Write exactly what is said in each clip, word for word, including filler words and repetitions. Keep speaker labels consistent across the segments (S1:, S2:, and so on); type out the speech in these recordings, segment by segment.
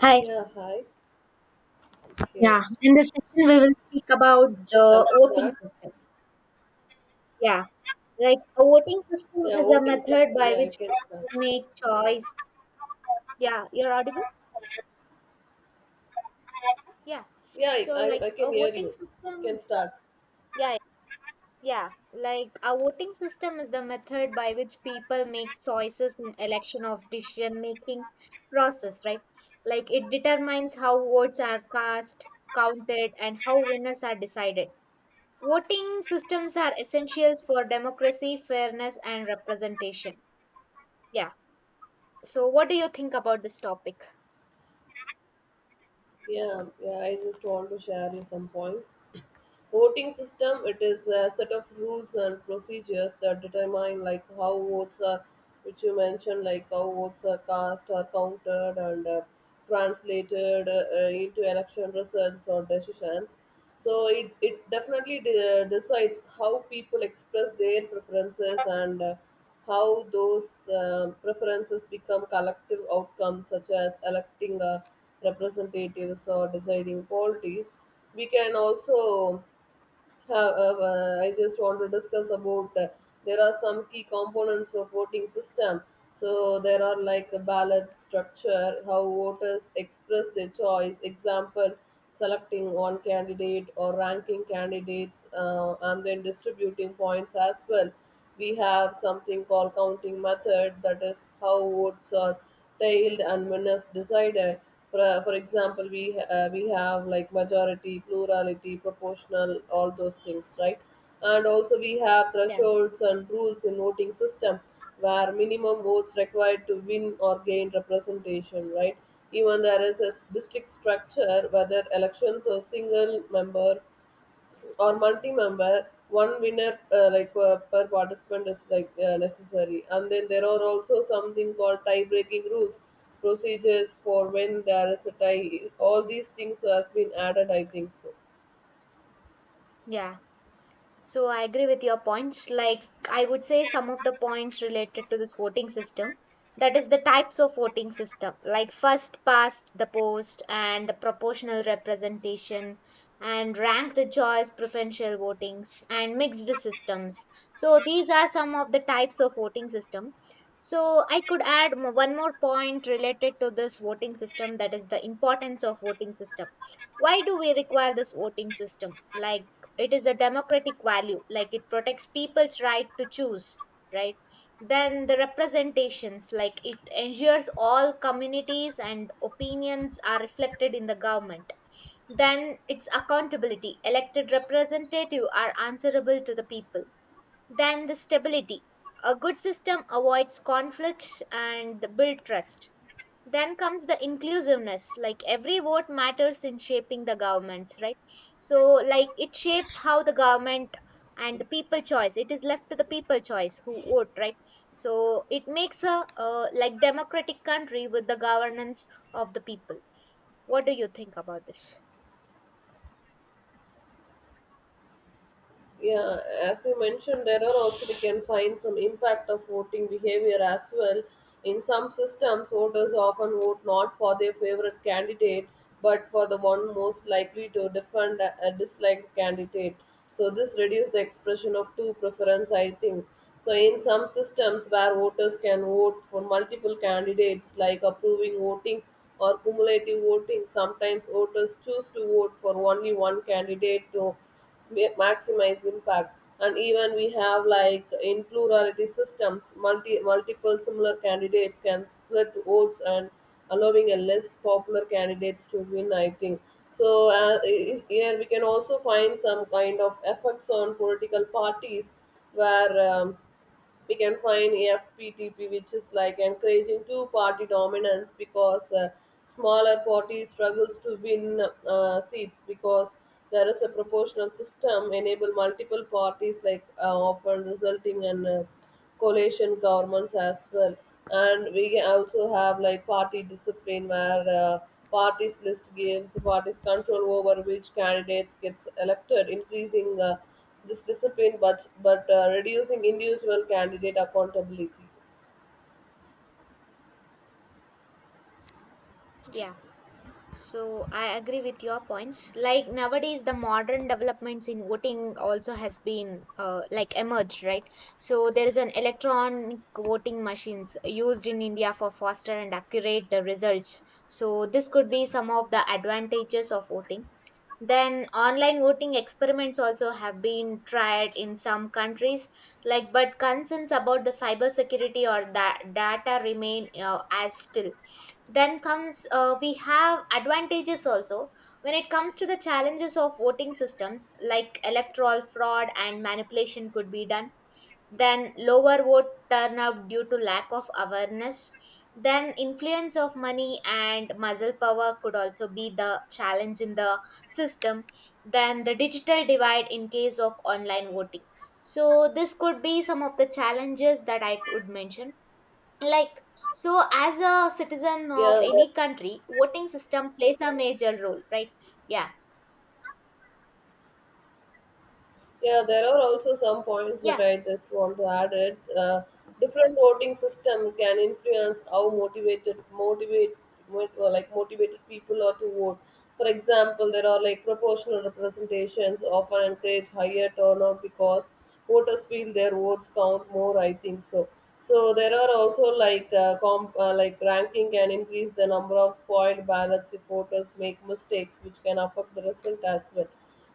S1: Hi.
S2: Yeah, hi. Okay.
S1: Yeah. In this session, we will speak about
S2: Okay, shall we
S1: the voting
S2: start?
S1: system. Yeah. Like a voting system
S2: Yeah,
S1: is a
S2: voting system.
S1: method by
S2: Yeah, you
S1: which
S2: can start.
S1: people make choice. Yeah. You're audible? Yeah.
S2: Yeah, I,
S1: So,
S2: I I
S1: like a
S2: can hear you.
S1: voting
S2: You can
S1: system.
S2: start.
S1: Yeah. Yeah. Like a voting system is the method by which people make choices in election of decision making process, right? Like it determines how votes are cast, counted, and how winners are decided. Voting systems are essentials for democracy, fairness, and representation. Yeah. So, what do you think about this topic?
S2: Yeah, yeah, I just want to share you some points. Voting system, it is a set of rules and procedures that determine, like, how votes are, which you mentioned, like how votes are cast or counted and uh, translated uh, uh, into election results or decisions. So it, it definitely de- decides how people express their preferences, and uh, how those um preferences become collective outcomes, such as electing uh, representatives or deciding policies. We can also uh, uh, uh, I just want to discuss about uh, there are some key components of voting system. So there are, like, a ballot structure, how voters express their choice. Example, selecting one candidate or ranking candidates, uh, and then distributing points as well. We have something called counting method, that is how votes are tailed and winners decided. For, for example, we uh, we have, like, majority, plurality, proportional, all those things, right? And also we have
S1: Yeah.
S2: thresholds and rules in voting system, where minimum votes required to win or gain representation, right? Even there is a district structure, whether elections or single member or multi-member, one winner uh, like uh, per participant is, like, uh, necessary. And then there are also something called tie-breaking rules, procedures for when there is a tie. All these things has been added, I think so.
S1: Yeah. So I agree with your points. Like I would say some of the points related to this voting system. That is the types of voting system, like first past the post and the proportional representation and ranked choice preferential votings and mixed systems. So these are some of the types of voting system. So I could add mo- one more point related to this voting system, that is the importance of voting system. Why do we require this voting system? Like it is a democratic value, like it protects people's right to choose, right? Then the representations, like it ensures all communities and opinions are reflected in the government. Then its accountability, elected representatives are answerable to the people. Then the stability, a good system avoids conflicts and build trust. Then comes the inclusiveness, like every vote matters in shaping the governments, right? So like it shapes how the government and the people choice, it is left to the people choice who vote, right? So it makes a uh, like democratic country with the governance of the people. What do you think about this?
S2: Yeah, as you mentioned, there are also we can find some impact of voting behavior as well. In some systems, voters often vote not for their favorite candidate, but for the one most likely to defend a a disliked candidate. So this reduces the expression of two preference, I think. So in some systems where voters can vote for multiple candidates, like approving voting or cumulative voting, sometimes voters choose to vote for only one candidate to ma- maximize impact. And even we have, like, in plurality systems, multi multiple similar candidates can split votes and allowing a less popular candidates to win, I think. So uh, i- here we can also find some kind of effects on political parties, where um, we can find A F P T P, which is like encouraging two-party dominance, because uh, smaller party struggles to win uh, seats, because there is a proportional system enable multiple parties, like uh, often resulting in uh, coalition governments as well. And we also have, like, party discipline, where uh, parties list gives parties control over which candidates gets elected, increasing uh, this discipline, but but uh, reducing individual candidate accountability.
S1: Yeah. So I agree with your points. Like nowadays, the modern developments in voting also has been uh, like emerged, right? So there is an electronic voting machines used in India for faster and accurate uh, results. So this could be some of the advantages of voting. Then online voting experiments also have been tried in some countries, like but concerns about the cybersecurity or that data remain uh, as still. Then comes uh, we have advantages also when it comes to the challenges of voting systems, like electoral fraud and manipulation could be done. Then lower vote turnout due to lack of awareness. Then influence of money and muscle power could also be the challenge in the system. Then the digital divide in case of online voting. So this could be some of the challenges that I would mention. Like, so as a citizen of
S2: yeah that-
S1: any country, voting system plays a major role, right? Yeah.
S2: Yeah, there are also some points that
S1: Yeah.
S2: I just want to add it. Uh, different voting system can influence how motivated motivate mo- uh, like motivated people are to vote. For example, there are like proportional representations often encourage higher turnout because voters feel their votes count more, I think so. So there are also like uh, comp, uh, like ranking can increase the number of spoiled ballots if voters make mistakes, which can affect the result as well.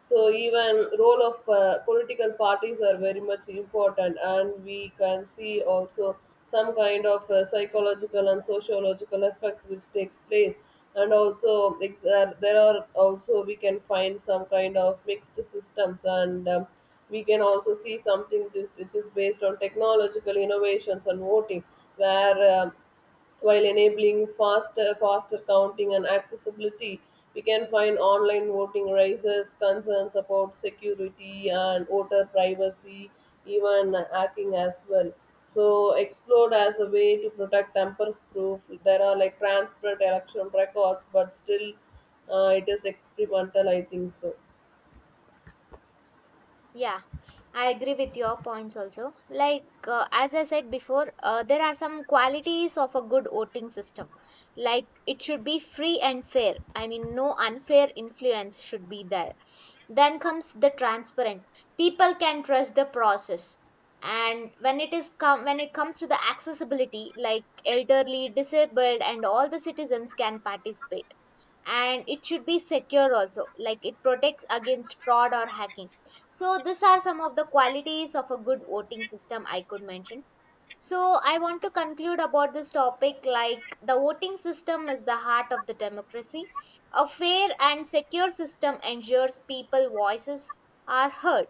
S2: So even role of uh, political parties are very much important. And we can see also some kind of uh, psychological and sociological effects which takes place. And also ex- uh, there are also we can find some kind of mixed systems. And um, we can also see something ju- which is based on technological innovations and voting, where um while enabling faster, faster counting and accessibility, we can find online voting raises concerns about security and voter privacy, even hacking as well. So, explored as a way to protect tamper-proof. There are like transparent election records, but still, uh, it is experimental, I think so.
S1: Yeah, I agree with your points also. Like uh, as I said before, uh, there are some qualities of a good voting system, like it should be free and fair, I mean no unfair influence should be there. Then comes the transparent. People can trust the process. And when it is com- when it comes to the accessibility, like elderly, disabled, and all the citizens can participate. And it should be secure also, like it protects against fraud or hacking. So these are some of the qualities of a good voting system I could mention. So, I want to conclude about this topic, like the voting system is the heart of the democracy. A fair and secure system ensures people voices are heard,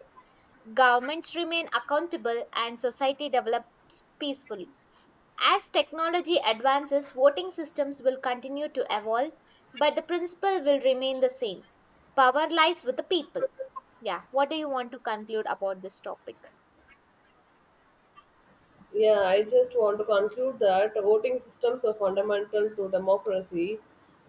S1: governments remain accountable and society develops peacefully. As technology advances, voting systems will continue to evolve, but the principle will remain the same. Power lies with the people. Yeah, what do you want to conclude about this topic?
S2: Yeah, I just want to conclude that voting systems are fundamental to democracy,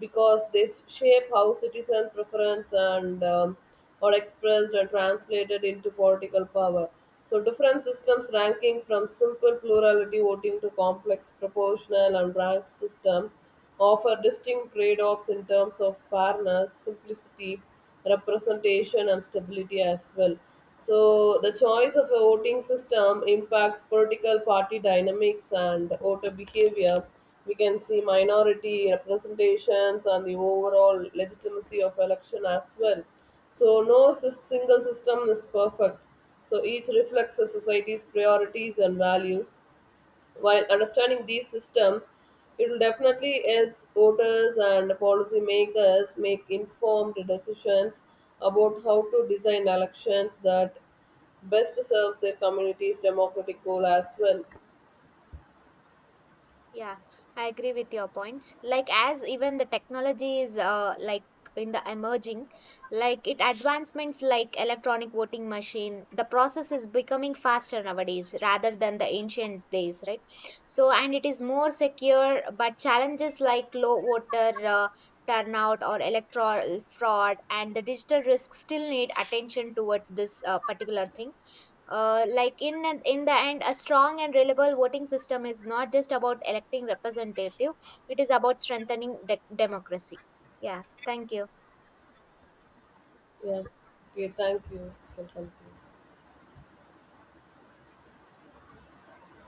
S2: because they s- shape how citizen preference and um, are expressed and translated into political power. So different systems ranking from simple plurality voting to complex proportional and ranked system offer distinct trade-offs in terms of fairness, simplicity, representation, and stability as well. So the choice of a voting system impacts political party dynamics and voter behavior. We can see minority representations and the overall legitimacy of election as well. So no sys- single system is perfect. So each reflects a society's priorities and values. While understanding these systems, it will definitely help voters and policymakers make informed decisions about how to design elections that best serves their community's democratic goal as well.
S1: Yeah, I agree with your points. Like as even the technology is uh, like in the emerging, like it advancements like electronic voting machine, the process is becoming faster nowadays rather than the ancient days, right? So and it is more secure, but challenges like low voter uh, turnout or electoral fraud and the digital risk still need attention towards this uh, particular thing. Uh, like in in the end, a strong and reliable voting system is not just about electing representative; it is about strengthening de- democracy. Yeah, thank you.
S2: Yeah. Okay, thank you. You can continue.